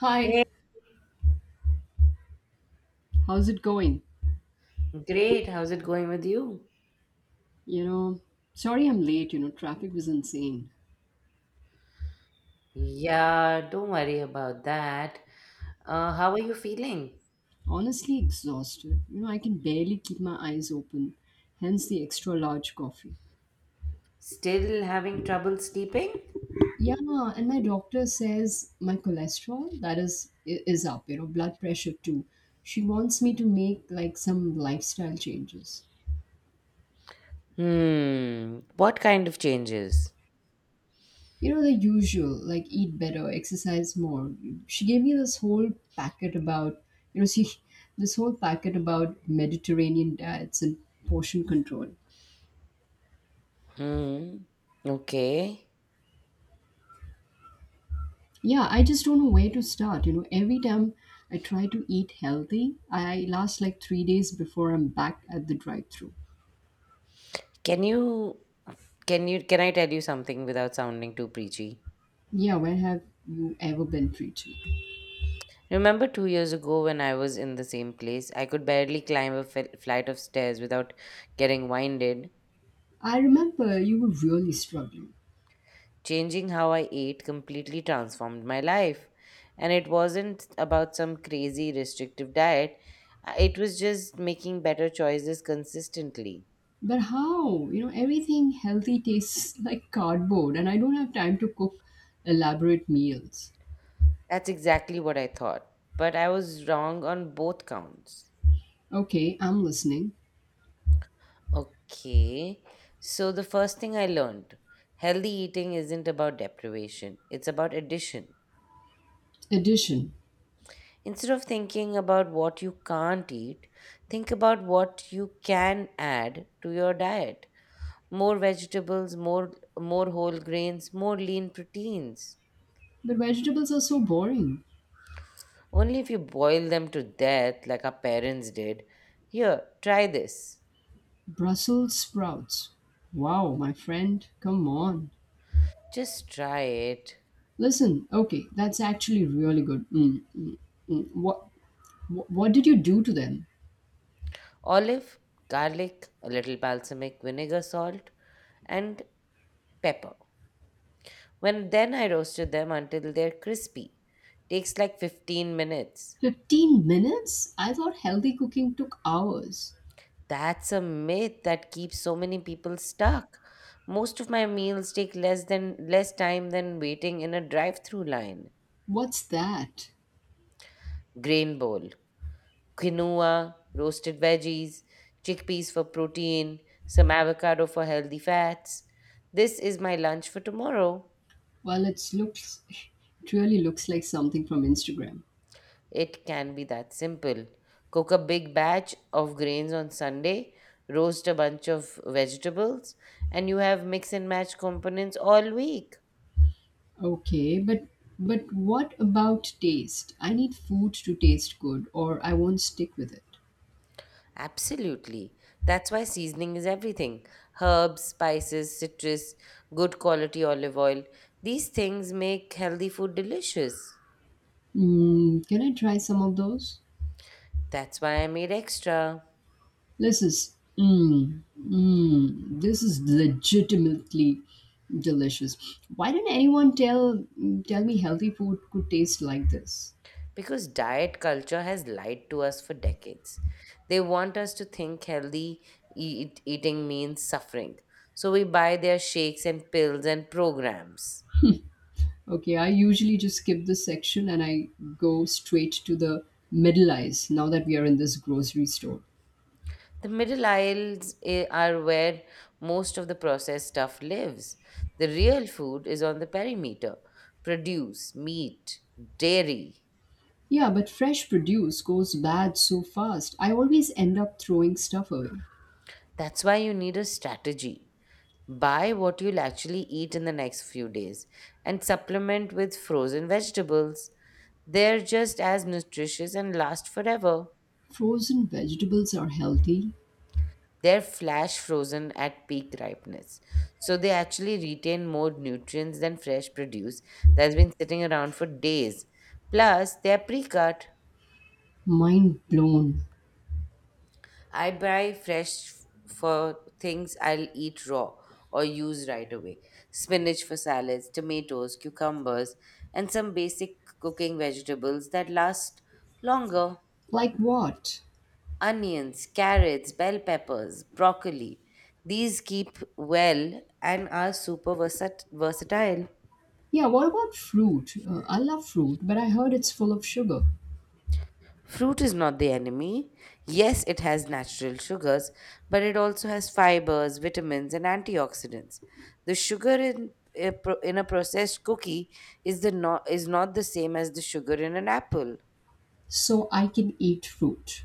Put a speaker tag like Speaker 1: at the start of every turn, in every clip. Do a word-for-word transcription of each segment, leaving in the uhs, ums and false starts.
Speaker 1: Hi,
Speaker 2: Hey,
Speaker 1: how's it going?
Speaker 2: great. How's it going with you?
Speaker 1: You know, Sorry I'm late, you know, traffic was insane.
Speaker 2: Yeah, don't worry about that. Uh, how are you feeling?
Speaker 1: Honestly exhausted. You know, I can barely keep my eyes open, hence the extra large coffee.
Speaker 2: Still having trouble sleeping?
Speaker 1: Yeah, and my doctor says my cholesterol that is i- is up, you know, blood pressure too. She wants me to make like some lifestyle changes.
Speaker 2: Hmm. What kind of changes?
Speaker 1: you know the usual, like eat better, exercise more. She gave me this whole packet about you know she this whole packet about Mediterranean diets and portion control.
Speaker 2: Hmm. Okay.
Speaker 1: Yeah, I just don't know where to start. You know every time I try to eat healthy, I last like three days before I'm back at the drive through.
Speaker 2: Can you can you can I tell you something without sounding too preachy?
Speaker 1: Yeah, where have you ever been free to?
Speaker 2: Remember two years ago when I was in the same place, I could barely climb a fel- flight of stairs without getting winded.
Speaker 1: I remember you were really struggling.
Speaker 2: Changing how I ate completely transformed my life. And it wasn't about some crazy restrictive diet. Uh, it was just making better choices consistently.
Speaker 1: But how? You know, everything healthy tastes like cardboard, and I don't have time to cook elaborate meals.
Speaker 2: That's exactly what I thought. But I was wrong on both counts.
Speaker 1: Okay, I'm listening.
Speaker 2: Okay, so the first thing I learned, healthy eating isn't about deprivation, it's about addition.
Speaker 1: Addition.
Speaker 2: Instead of thinking about what you can't eat, think about what you can add to your diet. More vegetables, more more whole grains, more lean proteins.
Speaker 1: But vegetables are so boring.
Speaker 2: Only if you boil them to death like our parents did. Here, try this.
Speaker 1: Brussels sprouts. Wow, my friend, come on.
Speaker 2: Just try it.
Speaker 1: Listen, okay, that's actually really good. Mm, mm, mm. What, what, what did you do to them?
Speaker 2: Olive, garlic, a little balsamic vinegar, salt, and pepper. When then I roasted them until they're crispy. Takes like fifteen minutes.
Speaker 1: fifteen minutes? I thought healthy cooking took hours.
Speaker 2: That's a myth that keeps so many people stuck. Most of my meals take less than less time than waiting in a drive-through line.
Speaker 1: What's that?
Speaker 2: Grain bowl, quinoa, roasted veggies, chickpeas for protein, some avocado for healthy fats. This is my lunch for tomorrow.
Speaker 1: Well, it's looks it really looks like something from Instagram.
Speaker 2: It can be that simple. Cook a big batch of grains on Sunday, roast a bunch of vegetables, and you have mix and match components all week.
Speaker 1: Okay, but but what about taste? I need food to taste good or I won't stick with it.
Speaker 2: Absolutely. That's why seasoning is everything. Herbs, spices, citrus, good quality olive oil. These things make healthy food delicious.
Speaker 1: Mm, can I try some of those?
Speaker 2: That's why I made extra.
Speaker 1: This is mm, mm, this is legitimately delicious. Why didn't anyone tell tell me healthy food could taste like this?
Speaker 2: Because diet culture has lied to us for decades. They want us to think healthy eat, eating means suffering. So we buy their shakes and pills and programs.
Speaker 1: Okay, I usually just skip this section and I go straight to the middle ice now that we are in this grocery store.
Speaker 2: The middle aisles eh, are where most of the processed stuff lives. The real food is on the perimeter: produce, meat, dairy.
Speaker 1: Yeah, but fresh produce goes bad so fast. I always end up throwing stuff away.
Speaker 2: That's why you need a strategy. Buy what you'll actually eat in the next few days and supplement with frozen vegetables. They're just as nutritious and last forever.
Speaker 1: Frozen vegetables are healthy?
Speaker 2: They're flash frozen at peak ripeness, so they actually retain more nutrients than fresh produce that's been sitting around for days. Plus, they're pre cut.
Speaker 1: Mind blown.
Speaker 2: I buy fresh for things I'll eat raw or use right away: spinach for salads, tomatoes, cucumbers, and some basic cooking vegetables that last longer.
Speaker 1: Like what?
Speaker 2: Onions, carrots, bell peppers, broccoli. These keep well and are super versat- versatile.
Speaker 1: Yeah, what about fruit? Uh, I love fruit, but I heard it's full of sugar.
Speaker 2: Fruit is not the enemy. Yes, it has natural sugars, but it also has fibers, vitamins, and antioxidants. The sugar in a, pro- in a processed cookie is the not, is not the same as the sugar in an apple.
Speaker 1: So I can eat fruit.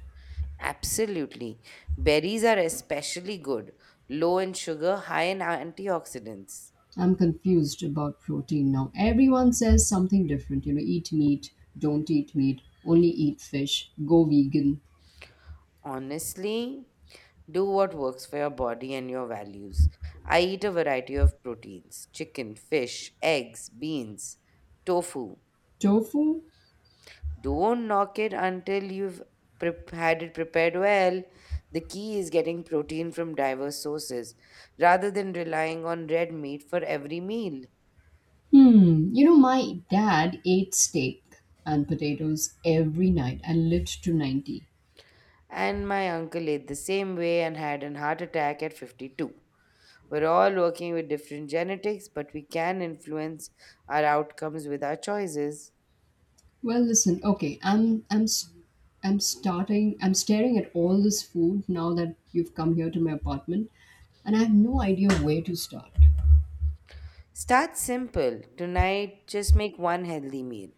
Speaker 2: Absolutely. Berries are especially good, low in sugar, high in antioxidants.
Speaker 1: I'm confused about protein now. Everyone says something different. You know, eat meat, don't eat meat, only eat fish, go vegan.
Speaker 2: Honestly, do what works for your body and your values. I eat a variety of proteins: chicken, fish, eggs, beans, tofu.
Speaker 1: Tofu?
Speaker 2: Don't knock it until you've prep- had it prepared well. The key is getting protein from diverse sources rather than relying on red meat for every meal.
Speaker 1: Hmm. You know, my dad ate steak and potatoes every night and lived to ninety.
Speaker 2: And my uncle ate the same way and had a heart attack at fifty-two. We're all working with different genetics, but we can influence our outcomes with our choices.
Speaker 1: Well, listen, okay, I'm I'm s- I'm starting I'm staring at all this food now that you've come here to my apartment, and I have no idea where to start.
Speaker 2: Start simple. Tonight, just make one healthy meal.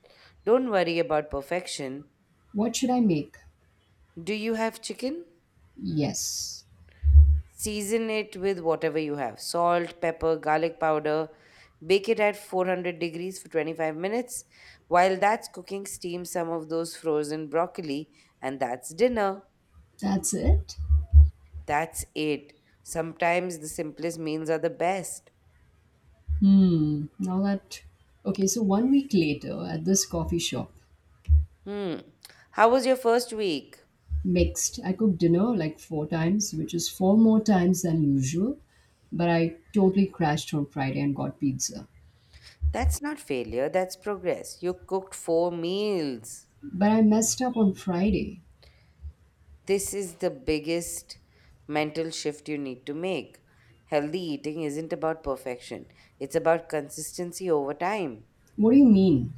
Speaker 2: Don't worry about perfection.
Speaker 1: What should I make?
Speaker 2: Do you have chicken?
Speaker 1: Yes.
Speaker 2: Season it with whatever you have: salt, pepper, garlic powder. Bake it at four hundred degrees for twenty-five minutes. While that's cooking, steam some of those frozen broccoli, and that's dinner.
Speaker 1: That's it?
Speaker 2: That's it. Sometimes the simplest meals are the best.
Speaker 1: Hmm. Now that Okay, so one week later at this coffee shop.
Speaker 2: Hmm. How was your first week?
Speaker 1: Mixed. I cook dinner like four times, which is four more times than usual, but I totally crashed on Friday and got pizza.
Speaker 2: That's not failure, that's progress. You cooked four meals.
Speaker 1: But I messed up on Friday.
Speaker 2: This is the biggest mental shift you need to make. Healthy eating isn't about perfection, it's about consistency over time.
Speaker 1: What do you mean?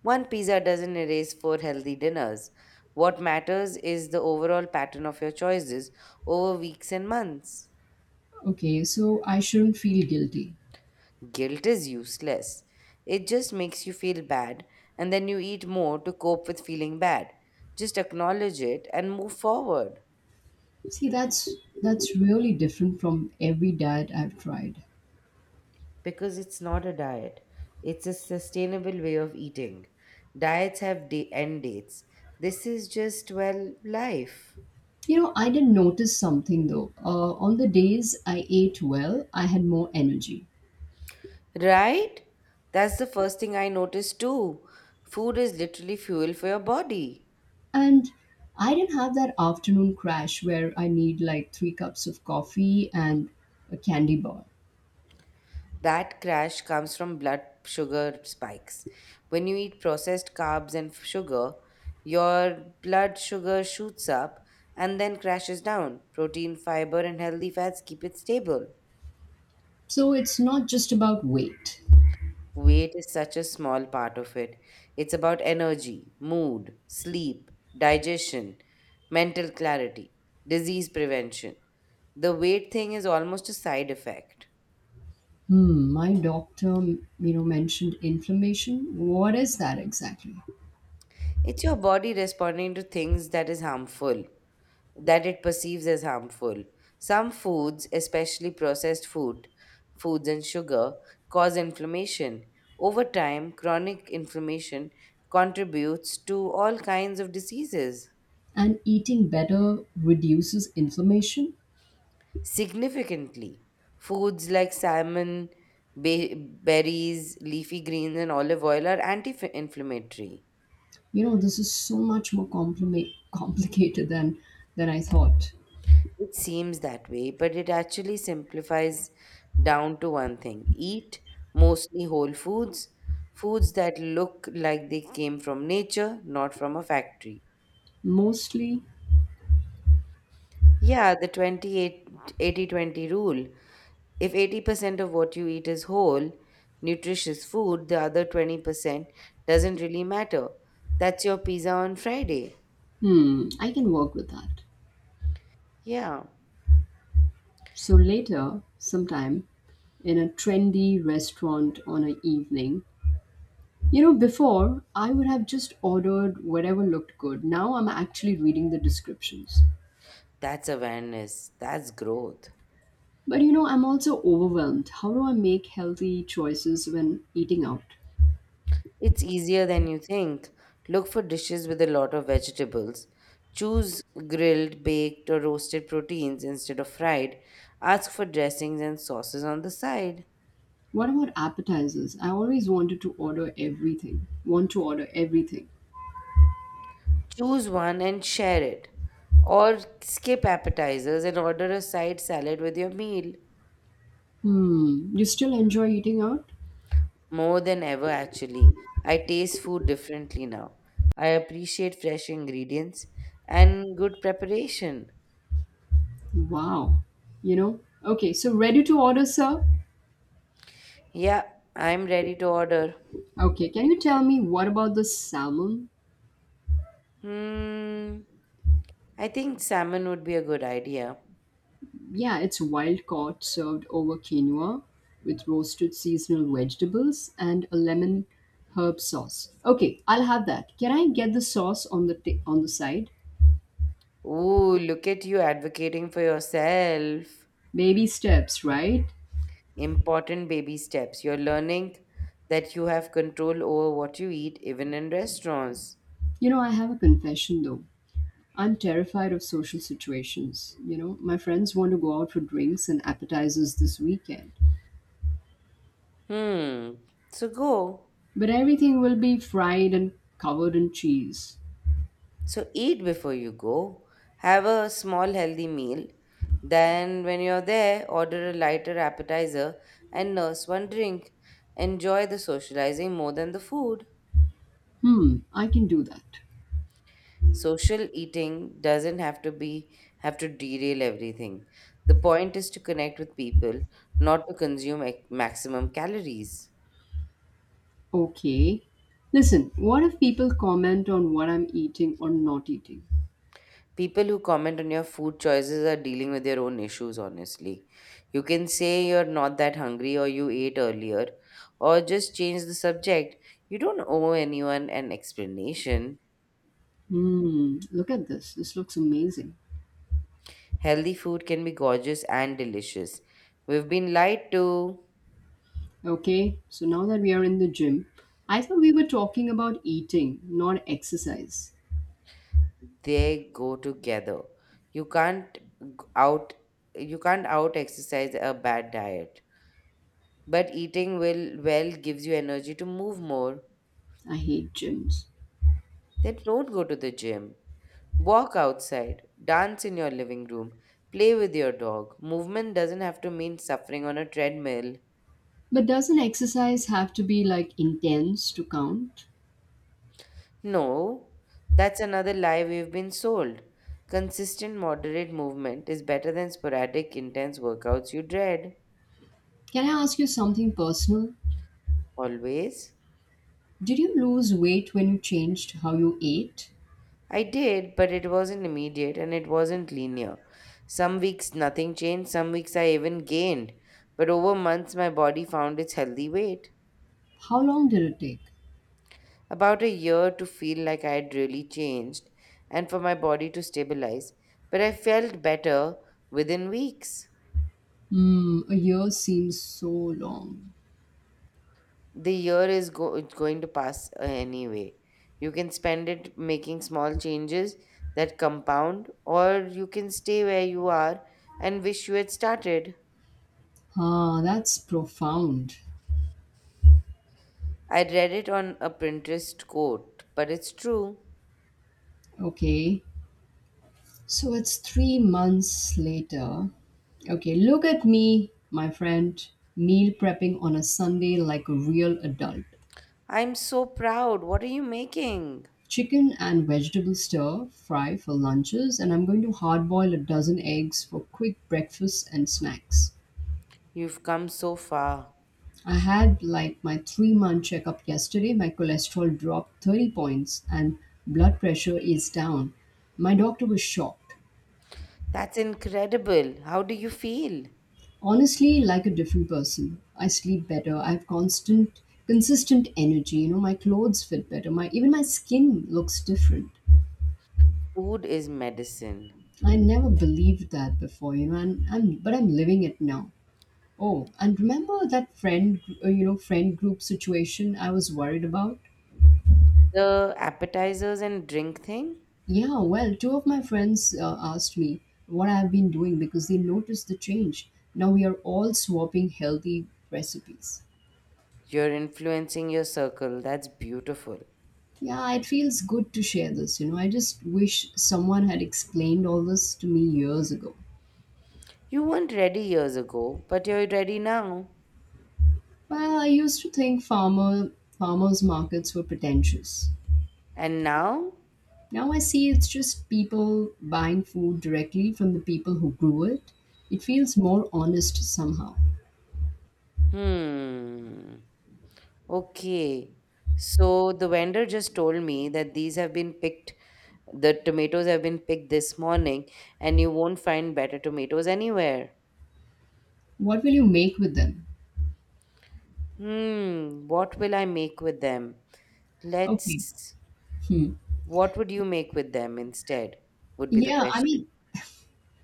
Speaker 2: One pizza doesn't erase four healthy dinners. What matters is the overall pattern of your choices over weeks and months.
Speaker 1: Okay, so I shouldn't feel guilty.
Speaker 2: Guilt is useless. It just makes you feel bad, and then you eat more to cope with feeling bad. Just acknowledge it and move forward.
Speaker 1: See, that's that's really different from every diet I've tried.
Speaker 2: Because it's not a diet, it's a sustainable way of eating. Diets have da- end dates. This is just, well, life.
Speaker 1: You know, I did notice something though. Uh, on the days I ate well, I had more energy.
Speaker 2: Right? That's the first thing I noticed too. Food is literally fuel for your body.
Speaker 1: And I didn't have that afternoon crash where I need like three cups of coffee and a candy bar.
Speaker 2: That crash comes from blood sugar spikes. When you eat processed carbs and f- sugar, your blood sugar shoots up and then crashes down. Protein, fiber, and healthy fats keep it stable.
Speaker 1: So it's not just about weight.
Speaker 2: Weight is such a small part of it. It's about energy, mood, sleep, digestion, mental clarity, disease prevention. The weight thing is almost a side effect.
Speaker 1: Hmm, my doctor, m- you know, mentioned inflammation. What is that exactly?
Speaker 2: It's your body responding to things that is harmful, that it perceives as harmful. Some foods, especially processed food, foods and sugar, cause inflammation. Over time, chronic inflammation contributes to all kinds of diseases.
Speaker 1: And eating better reduces inflammation.
Speaker 2: Significantly, foods like salmon, ba- berries, leafy greens, and olive oil are anti inflammatory.
Speaker 1: You know, this is so much more complima- complicated than than I thought.
Speaker 2: It seems that way, but it actually simplifies down to one thing: eat mostly whole foods, foods that look like they came from nature, not from a factory.
Speaker 1: Mostly.
Speaker 2: Yeah, the twenty-eight eighty twenty rule. If eighty percent of what you eat is whole, nutritious food, the other twenty percent doesn't really matter. That's your pizza on Friday.
Speaker 1: Hmm, I can work with that.
Speaker 2: Yeah,
Speaker 1: So later, sometime, in a trendy restaurant on an evening. You know, before I would have just ordered whatever looked good. Now I'm actually reading the descriptions.
Speaker 2: that's awareness. That's growth.
Speaker 1: But you know, I'm also overwhelmed. How do I make healthy choices when eating out?
Speaker 2: It's easier than you think. Look for dishes with a lot of vegetables. Choose grilled, baked, or roasted proteins instead of fried. Ask for dressings and sauces on the side.
Speaker 1: What about appetizers? I always wanted to order everything. Want to order everything.
Speaker 2: Choose one and share it. Or skip appetizers and order a side salad with your meal.
Speaker 1: Hmm, you still enjoy eating out?
Speaker 2: More than ever, actually. I taste food differently now. I appreciate fresh ingredients and good preparation.
Speaker 1: Wow. You know? Okay, so ready to order, sir?
Speaker 2: Yeah, I'm ready to order.
Speaker 1: Okay, can you tell me what about the salmon?
Speaker 2: Hmm, I think salmon would be a good idea.
Speaker 1: Yeah, it's wild caught, served over quinoa with roasted seasonal vegetables and a lemon herb sauce. Okay, I'll have that. Can I get the sauce on the t- on the side?
Speaker 2: Ooh, look at you advocating for yourself.
Speaker 1: Baby steps, right?
Speaker 2: Important baby steps. You're learning that you have control over what you eat, even in restaurants.
Speaker 1: You know, I have a confession though. I'm terrified of social situations. You know, my friends want to go out for drinks and appetizers this weekend,
Speaker 2: Hmm. So go.
Speaker 1: but everything will be fried and covered in cheese.
Speaker 2: So eat before you go. Have a small healthy meal. Then, when you're there, order a lighter appetizer and nurse one drink. Enjoy the socializing more than the food.
Speaker 1: Hmm, I can do that.
Speaker 2: Social eating doesn't have to be have to derail everything. The point is to connect with people, not to consume ex- maximum calories.
Speaker 1: Okay. Listen, what if people comment on what I'm eating or not eating?
Speaker 2: People who comment on your food choices are dealing with their own issues, honestly. You can say you're not that hungry or you ate earlier or just change the subject. You don't owe anyone an explanation.
Speaker 1: Hmm, look at this. This looks amazing.
Speaker 2: Healthy food can be gorgeous and delicious. We've been lied to.
Speaker 1: Okay, so now that we are in the gym, I thought we were talking about eating, not exercise.
Speaker 2: They go together. You can't g- out you can't out exercise a bad diet. But eating will well gives you energy to move more.
Speaker 1: I hate gyms.
Speaker 2: Then don't go to the gym. Walk outside, dance in your living room, play with your dog. Movement doesn't have to mean suffering on a treadmill.
Speaker 1: But doesn't exercise have to be like intense to count?
Speaker 2: No, that's another lie we've been sold. Consistent, moderate movement is better than sporadic, intense workouts you dread.
Speaker 1: Can I ask you something personal?
Speaker 2: Always?
Speaker 1: Did you lose weight when you changed how you ate?
Speaker 2: I did, but it wasn't immediate and it wasn't linear. Some weeks nothing changed, some weeks I even gained. But over months, my body found its healthy weight.
Speaker 1: How long did it take?
Speaker 2: About a year to feel like I had really changed and for my body to stabilize, but I felt better within weeks.
Speaker 1: Hmm, a year seems so long.
Speaker 2: The year is go- it's going to pass uh, anyway. You can spend it making small changes that compound, or you can stay where you are and wish you had started.
Speaker 1: Ah, that's profound.
Speaker 2: I read it on a Pinterest quote, but it's true.
Speaker 1: Okay. So it's three months later. Okay, look at me, my friend, meal prepping on a Sunday like a real adult.
Speaker 2: I'm so proud. What are you making?
Speaker 1: Chicken and vegetable stir fry for lunches, and I'm going to hard boil a dozen eggs for quick breakfasts and snacks.
Speaker 2: You've come so far.
Speaker 1: I had like my three month checkup yesterday. My cholesterol dropped thirty points and blood pressure is down. My doctor was shocked.
Speaker 2: That's incredible. How do you feel?
Speaker 1: Honestly, like a different person. I sleep better. I have constant, consistent energy. You know, my clothes fit better. My even my skin looks different.
Speaker 2: Food is medicine.
Speaker 1: I never believed that before. You know, and I'm but I'm living it now. Oh, and remember that friend, uh, you know, friend group situation I was worried about.
Speaker 2: The appetizers and drink thing,
Speaker 1: Yeah, well, two of my friends uh, asked me what I've been doing because they noticed the change. Now we are all swapping healthy recipes.
Speaker 2: you're influencing your circle. That's beautiful.
Speaker 1: Yeah, it feels good to share this. You know, I just wish someone had explained all this to me years ago.
Speaker 2: You weren't ready years ago, but you're ready now.
Speaker 1: Well, I used to think farmer farmers markets were pretentious.
Speaker 2: And now?
Speaker 1: Now I see it's just people buying food directly from the people who grew it. It feels more honest somehow.
Speaker 2: Hmm. Okay. So the vendor just told me that these have been picked, the tomatoes have been picked this morning, and you won't find better tomatoes anywhere.
Speaker 1: What will you make with them?
Speaker 2: Hmm. What will I make with them?
Speaker 1: Okay.
Speaker 2: Let's...
Speaker 1: Hmm.
Speaker 2: What would you make with them instead? Would be the
Speaker 1: Yeah, I mean,
Speaker 2: question.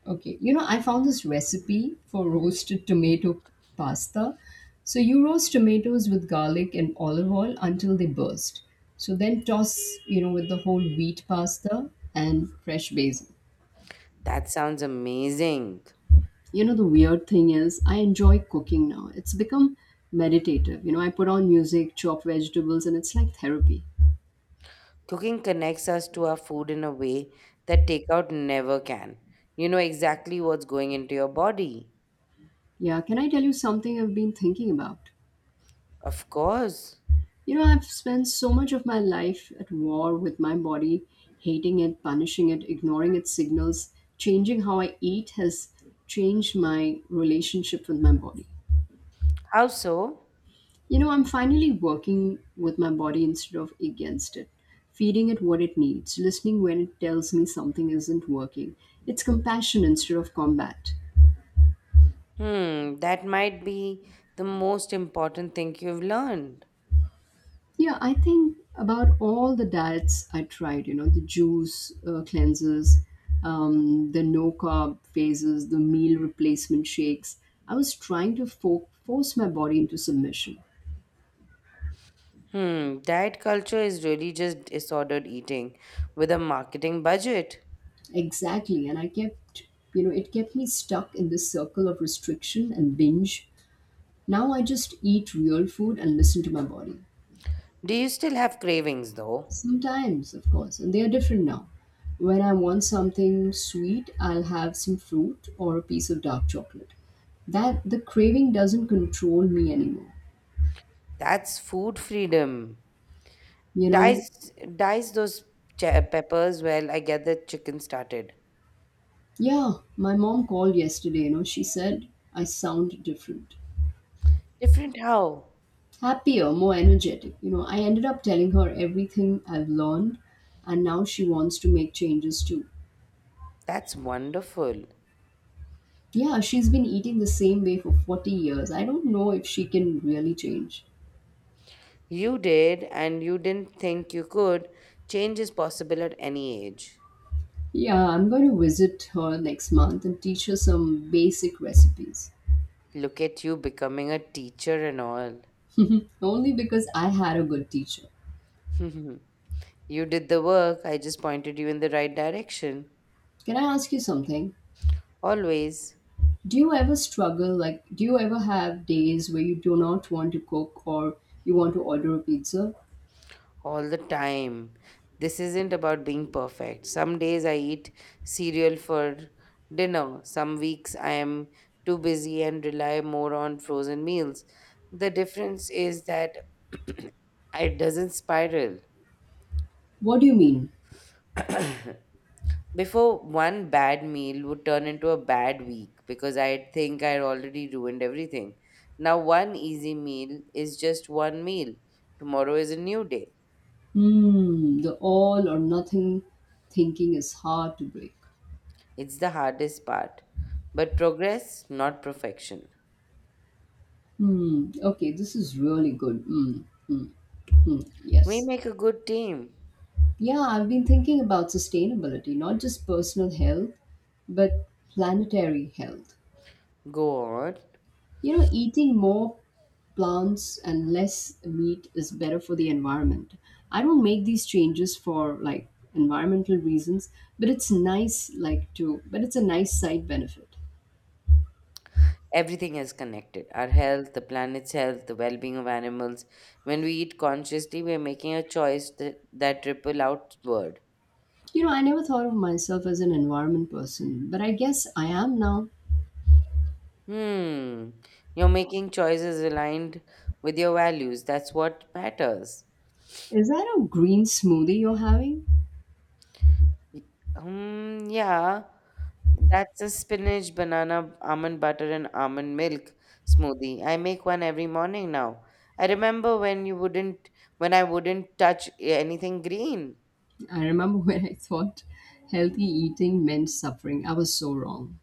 Speaker 1: okay, you know, I found this recipe for roasted tomato pasta. So you roast tomatoes with garlic and olive oil until they burst. So then toss, you know, with the whole wheat pasta and fresh basil.
Speaker 2: That sounds amazing.
Speaker 1: You know, the weird thing is, I enjoy cooking now. It's become meditative. You know, I put on music, chop vegetables, and it's like therapy.
Speaker 2: Cooking connects us to our food in a way that takeout never can. You know exactly what's going into your body.
Speaker 1: Yeah, can I tell you something I've been thinking about?
Speaker 2: Of course.
Speaker 1: You know, I've spent so much of my life at war with my body, hating it, punishing it, ignoring its signals. Changing how I eat has changed my relationship with my body.
Speaker 2: How so?
Speaker 1: You know, I'm finally working with my body instead of against it, feeding it what it needs, listening when it tells me something isn't working. It's compassion instead of combat.
Speaker 2: Hmm, that might be the most important thing you've learned.
Speaker 1: Yeah, I think about all the diets I tried, you know, the juice uh, cleanses, um, the no carb phases, the meal replacement shakes. I was trying to fo- force my body into submission.
Speaker 2: Hmm, diet culture is really just disordered eating with a marketing budget.
Speaker 1: Exactly. And I kept, you know, it kept me stuck in this circle of restriction and binge. Now I just eat real food and listen to my body.
Speaker 2: Do you still have cravings though?
Speaker 1: Sometimes, of course, and they are different now. When I want something sweet, I'll have some fruit or a piece of dark chocolate. That the craving doesn't control me anymore.
Speaker 2: That's food freedom.
Speaker 1: You know,
Speaker 2: Dice dice those che- peppers well. I get the chicken started.
Speaker 1: yeah, my mom called yesterday, you know, she said I sound different,
Speaker 2: Different how?
Speaker 1: happier, more energetic. You know, I ended up telling her everything I've learned, and now she wants to make changes too.
Speaker 2: That's wonderful.
Speaker 1: Yeah, she's been eating the same way for forty years. I don't know if she can really change.
Speaker 2: You did, and you didn't think you could. Change is possible at any age.
Speaker 1: Yeah, I'm going to visit her next month and teach her some basic recipes.
Speaker 2: Look at you becoming a teacher and all.
Speaker 1: Only because I had a good teacher.
Speaker 2: You did the work. I just pointed you in the right direction.
Speaker 1: Can I ask you something?
Speaker 2: Always.
Speaker 1: Do you ever struggle? Like, do you ever have days where you do not want to cook or you want to order a pizza?
Speaker 2: All the time. This isn't about being perfect. Some days I eat cereal for dinner. Some weeks I am too busy and rely more on frozen meals. The difference is that it doesn't spiral.
Speaker 1: What do you mean?
Speaker 2: Before, one bad meal would turn into a bad week because I think I already ruined everything. Now one easy meal is just one meal. Tomorrow is a new day.
Speaker 1: Hmm, the all or nothing thinking is hard to break.
Speaker 2: It's the hardest part. But progress, not perfection.
Speaker 1: Hmm, okay, this is really good. Hmm, hmm, hmm,
Speaker 2: We
Speaker 1: yes.
Speaker 2: make a good team.
Speaker 1: Yeah, I've been thinking about sustainability, not just personal health, but planetary health.
Speaker 2: Go on.
Speaker 1: You know, eating more plants and less meat is better for the environment. I don't make these changes for like environmental reasons, but it's nice like to but it's a nice side benefit.
Speaker 2: Everything is connected our health, the planet's health, the well being of animals. When we eat consciously, we're making a choice that, that ripple outward.
Speaker 1: You know, I never thought of myself as an environment person, but I guess I am now.
Speaker 2: Hmm. You're making choices aligned with your values. That's what matters.
Speaker 1: Is that a green smoothie you're having?
Speaker 2: Y- Um, yeah, that's a spinach, banana, almond butter, and almond milk smoothie. I make one every morning now. I remember when you wouldn't, When I wouldn't touch anything green.
Speaker 1: I remember when I thought healthy eating meant suffering. I was so wrong.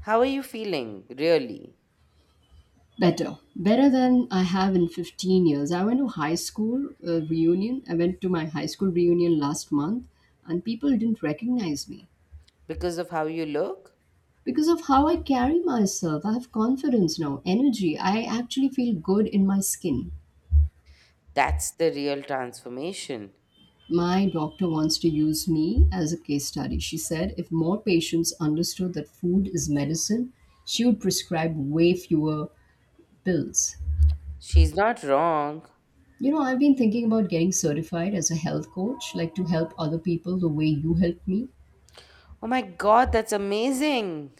Speaker 2: How are you feeling, really?
Speaker 1: Better. Better than I have in fifteen years. I went to high school uh, reunion. I went to my high school reunion last month, and people didn't recognize me
Speaker 2: Because of how you look?
Speaker 1: because of how I carry myself. I have confidence now, energy. I actually feel good in my skin.
Speaker 2: That's the real transformation.
Speaker 1: My doctor wants to use me as a case study. She said if more patients understood that food is medicine, she would prescribe way fewer pills.
Speaker 2: She's not wrong.
Speaker 1: You know, I've been thinking about getting certified as a health coach, like to help other people the way you helped me.
Speaker 2: Oh my God, that's amazing.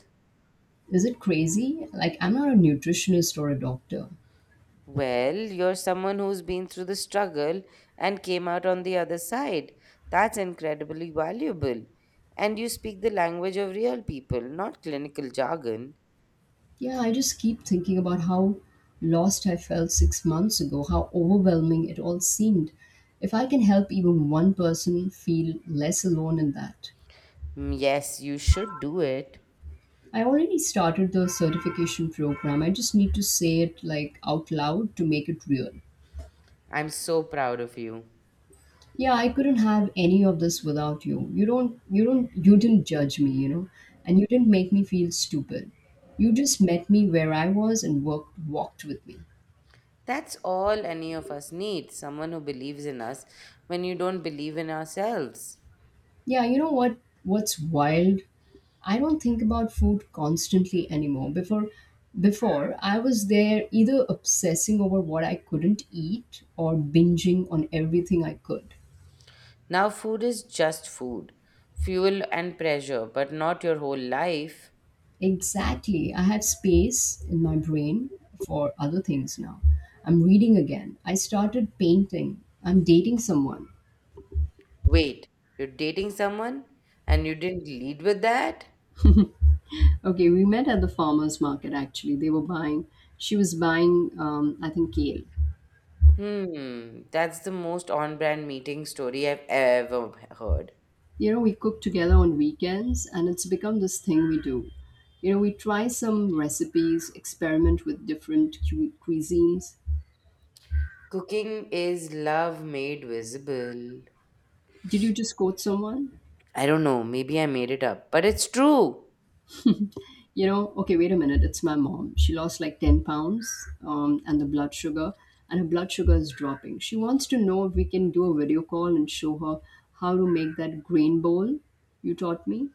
Speaker 1: Is it crazy? Like, I'm not a nutritionist or a doctor.
Speaker 2: Well, you're someone who's been through the struggle and came out on the other side. That's incredibly valuable. And you speak the language of real people, not clinical jargon.
Speaker 1: Yeah, I just keep thinking about how lost I felt six months ago, how overwhelming it all seemed. If I can help even one person feel less alone in that.
Speaker 2: Mm, yes, you should do it.
Speaker 1: I already started the certification program. I just need to say it like out loud to make it real.
Speaker 2: I'm so proud of you.
Speaker 1: Yeah, I couldn't have any of this without you. You don't you don't you didn't judge me, you know, and you didn't make me feel stupid. You just met me where I was and worked walked with me.
Speaker 2: That's all any of us need someone who believes in us when you don't believe in ourselves.
Speaker 1: Yeah, you know what, what's wild? I don't think about food constantly anymore. Before before I was there either obsessing over what I couldn't eat or binging on everything I could.
Speaker 2: Now, food is just food, fuel and pressure, but not your whole life.
Speaker 1: Exactly. I have space in my brain for other things now. I'm reading again. I started painting. I'm dating someone.
Speaker 2: Wait, you're dating someone and you didn't lead with that?
Speaker 1: Okay, we met at the farmer's market actually. They were buying, she was buying, um, I think, kale.
Speaker 2: Hmm, that's the most on brand meeting story I've ever heard.
Speaker 1: You know, we cook together on weekends and it's become this thing we do. You know, we try some recipes, experiment with different cu- cuisines.
Speaker 2: Cooking is love made visible.
Speaker 1: Did you just quote someone?
Speaker 2: I don't know, maybe I made it up, but it's true.
Speaker 1: You know, okay, wait a minute, it's my mom. She lost like ten pounds, um, and the blood sugar, and her blood sugar is dropping. She wants to know if we can do a video call and show her how to make that grain bowl you taught me.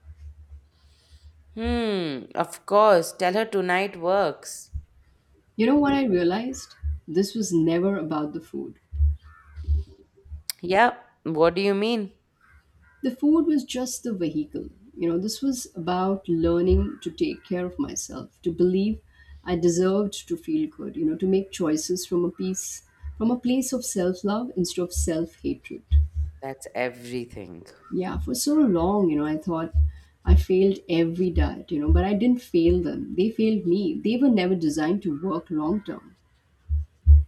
Speaker 2: Hmm, of course, tell her tonight works.
Speaker 1: You know what I realized? This was never about the food.
Speaker 2: Yeah, what do you mean?
Speaker 1: The food was just the vehicle. You know, this was about learning to take care of myself, to believe I deserved to feel good, you know, to make choices from a piece, from a place of self love instead of self hatred.
Speaker 2: That's everything.
Speaker 1: Yeah, for so long, you know, I thought I failed every diet, you know, but I didn't fail them. They failed me. They were never designed to work long term.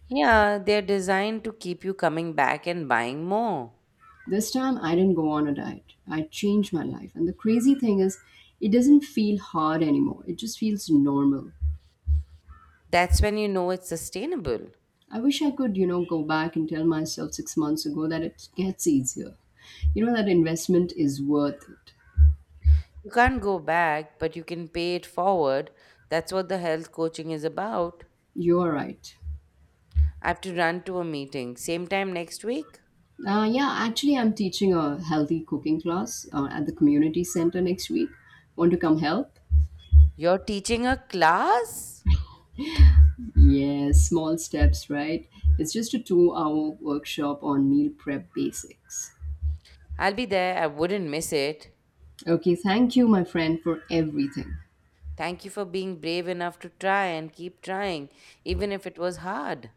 Speaker 2: Yeah, they're designed to keep you coming back and buying more.
Speaker 1: This time, I didn't go on a diet. I changed my life. And the crazy thing is, it doesn't feel hard anymore. It just feels normal.
Speaker 2: That's when you know it's sustainable.
Speaker 1: I wish I could, you know, go back and tell myself six months ago that it gets easier. You know, that investment is worth it.
Speaker 2: You can't go back, but you can pay it forward. That's what the health coaching is about.
Speaker 1: You're right.
Speaker 2: I have to run to a meeting. Same time next week?
Speaker 1: Uh, yeah, actually, I'm teaching a healthy cooking class uh, at the community center next week. Want to come help?
Speaker 2: You're teaching a class?
Speaker 1: Yes, small steps, right? It's just a two hour workshop on meal prep basics.
Speaker 2: I'll be there. I wouldn't miss it.
Speaker 1: Okay, thank you, my friend, for everything.
Speaker 2: Thank you for being brave enough to try and keep trying, even if it was hard.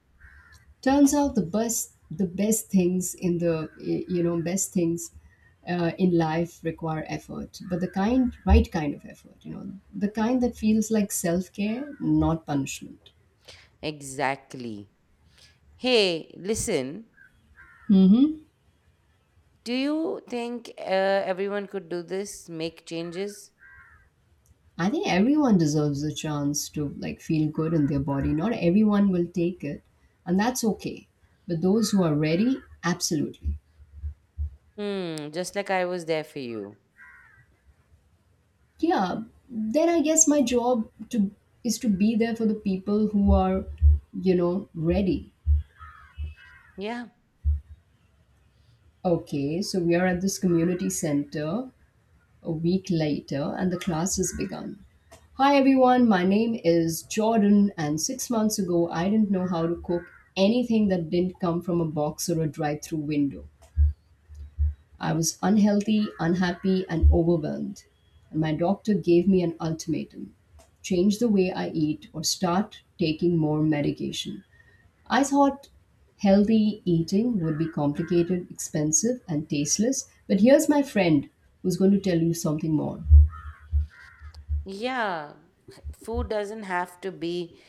Speaker 1: Turns out the best, the best things in the, eh, you know, best things uh, in life require effort, but the kind, right kind of effort, you know, the kind that feels like self care, not punishment.
Speaker 2: Exactly. Hey, listen, do you think uh, everyone could do this? Make changes?
Speaker 1: I think everyone deserves a chance to like feel good in their body. Not everyone will take it, and that's okay. But those who are ready, absolutely.
Speaker 2: Hmm, just like I was there for you.
Speaker 1: Yeah, then I guess my job to is to be there for the people who are, you know, ready.
Speaker 2: Yeah.
Speaker 1: Okay, so we are at this community center a week later and the class has begun. Hi everyone, my name is Jordan, and six months ago I didn't know how to cook anything that didn't come from a box or a drive through window. I was unhealthy, unhappy, and overwhelmed. And my doctor gave me an ultimatum: change the way I eat or start taking more medication. I thought healthy eating would be complicated, expensive, and tasteless, but here's my friend who's going to tell you something more.
Speaker 2: Yeah, food doesn't have to be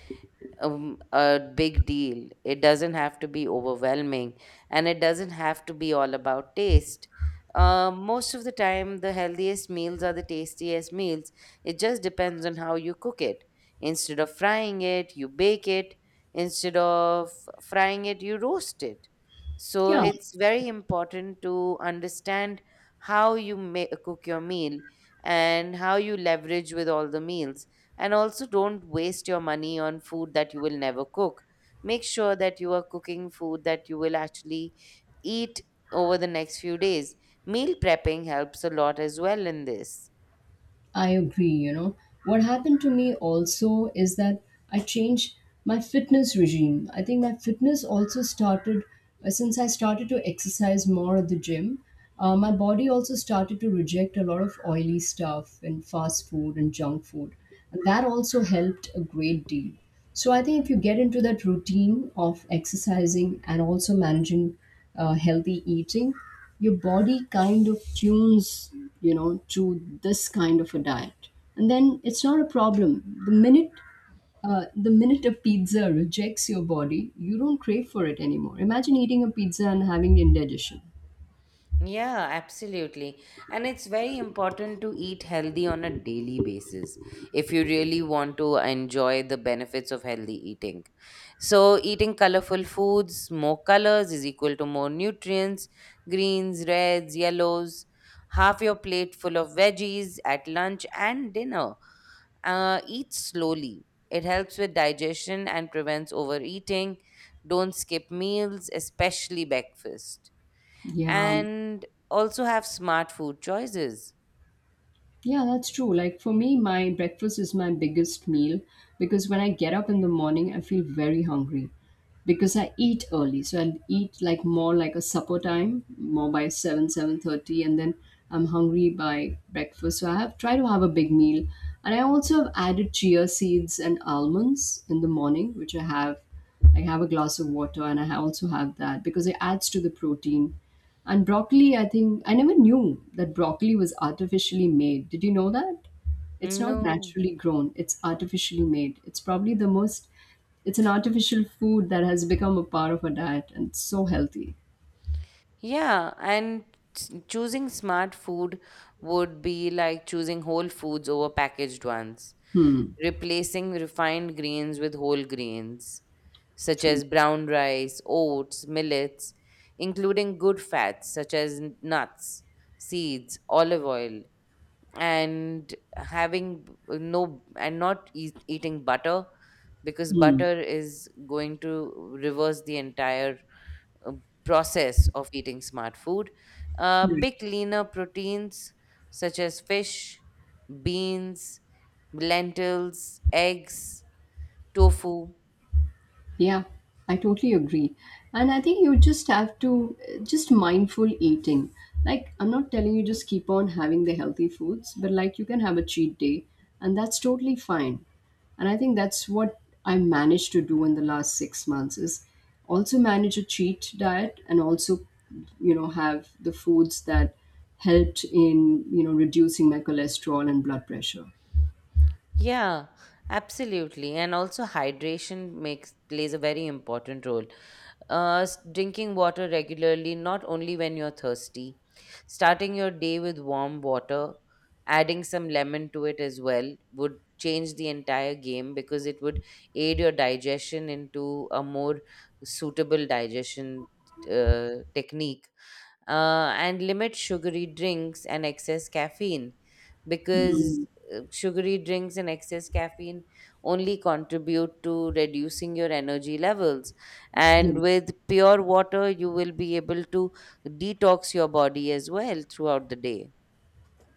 Speaker 2: um, a big deal. It doesn't have to be overwhelming and it doesn't have to be all about taste. Uh, most of the time, the healthiest meals are the tastiest meals. It just depends on how you cook it. Instead of frying it, you bake it. Instead of frying it, you roast it. So
Speaker 1: Yeah,
Speaker 2: it's very important to understand how you ma- cook your meal and how you leverage with all the meals, and also, don't waste your money on food that you will never cook. Make sure that you are cooking food that you will actually eat over the next few days. Meal prepping helps a lot as well in this.
Speaker 1: I agree, you know. What happened to me also is that I changed my fitness regime. I think my fitness also started uh, since I started to exercise more at the gym. Uh, my body also started to reject a lot of oily stuff and fast food and junk food. And that also helped a great deal. So I think if you get into that routine of exercising and also managing uh, healthy eating, your body kind of tunes, you know, to this kind of a diet, and then it's not a problem. The minute uh, the minute a pizza rejects your body, you don't crave for it anymore. Imagine eating a pizza and having indigestion.
Speaker 2: Yeah, absolutely. And it's very important to eat healthy on a daily basis if you really want to enjoy the benefits of healthy eating. So, eating colorful foods, more colors is equal to more nutrients, greens, reds, yellows. Half your plate full of veggies at lunch and dinner. Uh, eat slowly. It helps with digestion and prevents overeating. Don't skip meals, especially breakfast,
Speaker 1: Yeah.
Speaker 2: and also have smart food choices.
Speaker 1: Yeah, that's true. Like for me, my breakfast is my biggest meal because when I get up in the morning, I feel very hungry because I eat early. So I eat like more like a supper time, more by seven, seven thirty and then I'm hungry by breakfast. So I have try to have a big meal. And I also have added chia seeds and almonds in the morning, which I have I have a glass of water and I ha- also have that because it adds to the protein. And broccoli, I think I never knew that broccoli was artificially made. Did you know that? It's not
Speaker 2: No.
Speaker 1: naturally grown, it's artificially made. It's probably the most, it's an artificial food that has become a part of our diet and so healthy.
Speaker 2: Yeah, and s- choosing smart food would be like choosing whole foods over packaged ones,
Speaker 1: Hmm.
Speaker 2: replacing refined grains with whole grains, such
Speaker 1: True.
Speaker 2: as brown rice, oats, millets, including good fats such as n- nuts, seeds, olive oil, and having b- no and not eat, eating butter, because
Speaker 1: Hmm.
Speaker 2: butter is going to reverse the entire uh, process of eating smart food. Uh, pick
Speaker 1: Correct.
Speaker 2: leaner proteins such as fish, beans, lentils, eggs, tofu.
Speaker 1: Yeah, I totally agree. And I think you just have to uh, just mindful eating. Like I'm not telling you just keep on having the healthy foods, but like you can have a cheat day and that's totally fine. And I think that's what I managed to do in the last six months is also manage a cheat diet and also you know have the foods that helped in you know reducing my cholesterol and blood pressure.
Speaker 2: Yeah, absolutely. And also hydration makes plays a very important role. Uh, s- drinking water regularly, not only when you're thirsty. Starting your day with warm water, adding some lemon to it as well, would change the entire game because it would aid your digestion into a more suitable digestion uh, technique. Uh, and limit sugary drinks and excess caffeine, because
Speaker 1: Mm.
Speaker 2: uh, sugary drinks and excess caffeine only contribute to reducing your energy levels,
Speaker 1: Yeah.
Speaker 2: and with pure water you will be able to detox your body as well throughout the day.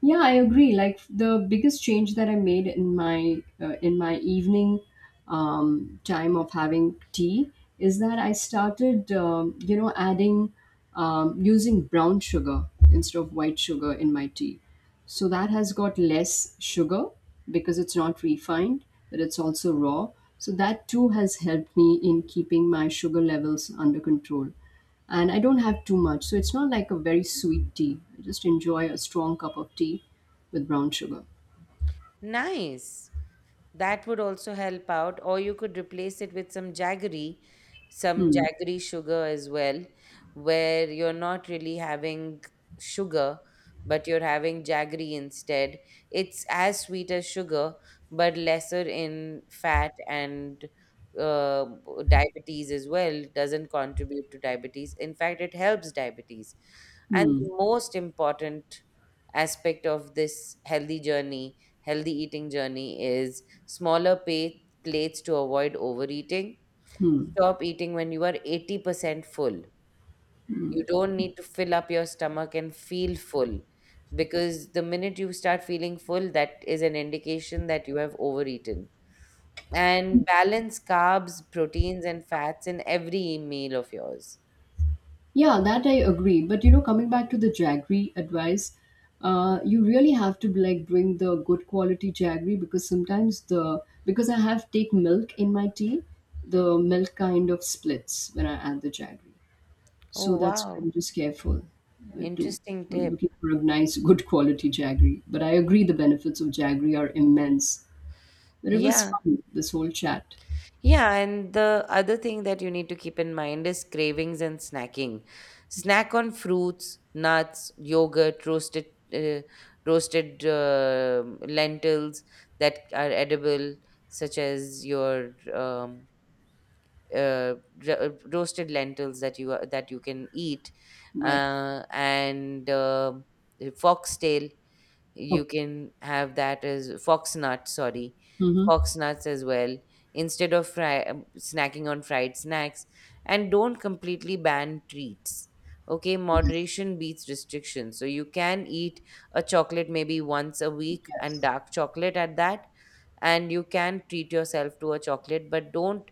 Speaker 1: Yeah, I agree. Like the biggest change that I made in my uh, in my evening um, time of having tea is that I started, um, you know, adding um, using brown sugar instead of white sugar in my tea. So that has got less sugar because it's not refined, but it's also raw. So that too has helped me in keeping my sugar levels under control and I don't have too much. So it's not like a very sweet tea. I just enjoy a strong cup of tea with brown sugar.
Speaker 2: Nice. That would also help out, or you could replace it with some jaggery, some
Speaker 1: Hmm.
Speaker 2: jaggery sugar as well, where you're not really having sugar, but you're having jaggery instead. It's as sweet as sugar, but lesser in fat and uh, diabetes as well, doesn't contribute to diabetes. In fact, it helps diabetes. And
Speaker 1: Hmm.
Speaker 2: the most important aspect of this healthy journey, healthy eating journey is smaller pa- plates to avoid overeating.
Speaker 1: Hmm.
Speaker 2: Stop eating when you are eighty percent full.
Speaker 1: Hmm.
Speaker 2: You don't need to fill up your stomach and feel full, because the minute you start feeling full, that is an indication that you have overeaten. And balance carbs, proteins, and fats in every meal of yours.
Speaker 1: Yeah, that I agree. But you know, coming back to the jaggery advice, uh, you really have to like bring the good quality jaggery because sometimes the because I have take milk in my tea, the milk kind of splits when I add the jaggery. So
Speaker 2: Oh,
Speaker 1: that's why I'm
Speaker 2: wow.
Speaker 1: just careful uh, too.
Speaker 2: Interesting
Speaker 1: I'm
Speaker 2: tip.
Speaker 1: looking for a nice, good quality Jaggery. But I agree the benefits of Jaggery are immense. But it was
Speaker 2: Yeah.
Speaker 1: fun, this whole chat.
Speaker 2: Yeah, and the other thing that you need to keep in mind is cravings and snacking. Snack on fruits, nuts, yogurt, roasted uh, roasted uh, lentils that are edible, such as your um, uh, ro- roasted lentils that you that you can eat,
Speaker 1: Right.
Speaker 2: uh, and uh, foxtail, you
Speaker 1: Oh,
Speaker 2: can have that as fox nuts, sorry,
Speaker 1: mm-hmm.
Speaker 2: fox nuts as well, instead of fry, um, snacking on fried snacks, and don't completely ban treats. Okay,
Speaker 1: Yes,
Speaker 2: moderation beats restriction, so you can eat a chocolate maybe once a week, and
Speaker 1: yes.
Speaker 2: dark chocolate at that, and you can treat yourself to a chocolate, but don't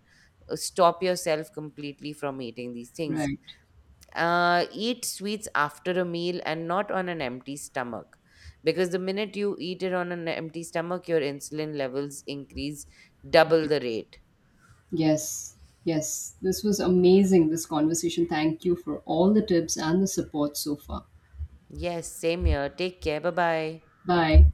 Speaker 2: uh, stop yourself completely from eating these things.
Speaker 1: Right.
Speaker 2: Uh, eat sweets after a meal and not on an empty stomach, because the minute you eat it on an empty stomach your insulin levels increase double
Speaker 1: Okay.
Speaker 2: the rate.
Speaker 1: Yes, yes. This was amazing, this conversation. Thank you for all the tips and the support so far.
Speaker 2: Yes, same here, take care, bye bye.
Speaker 1: Bye.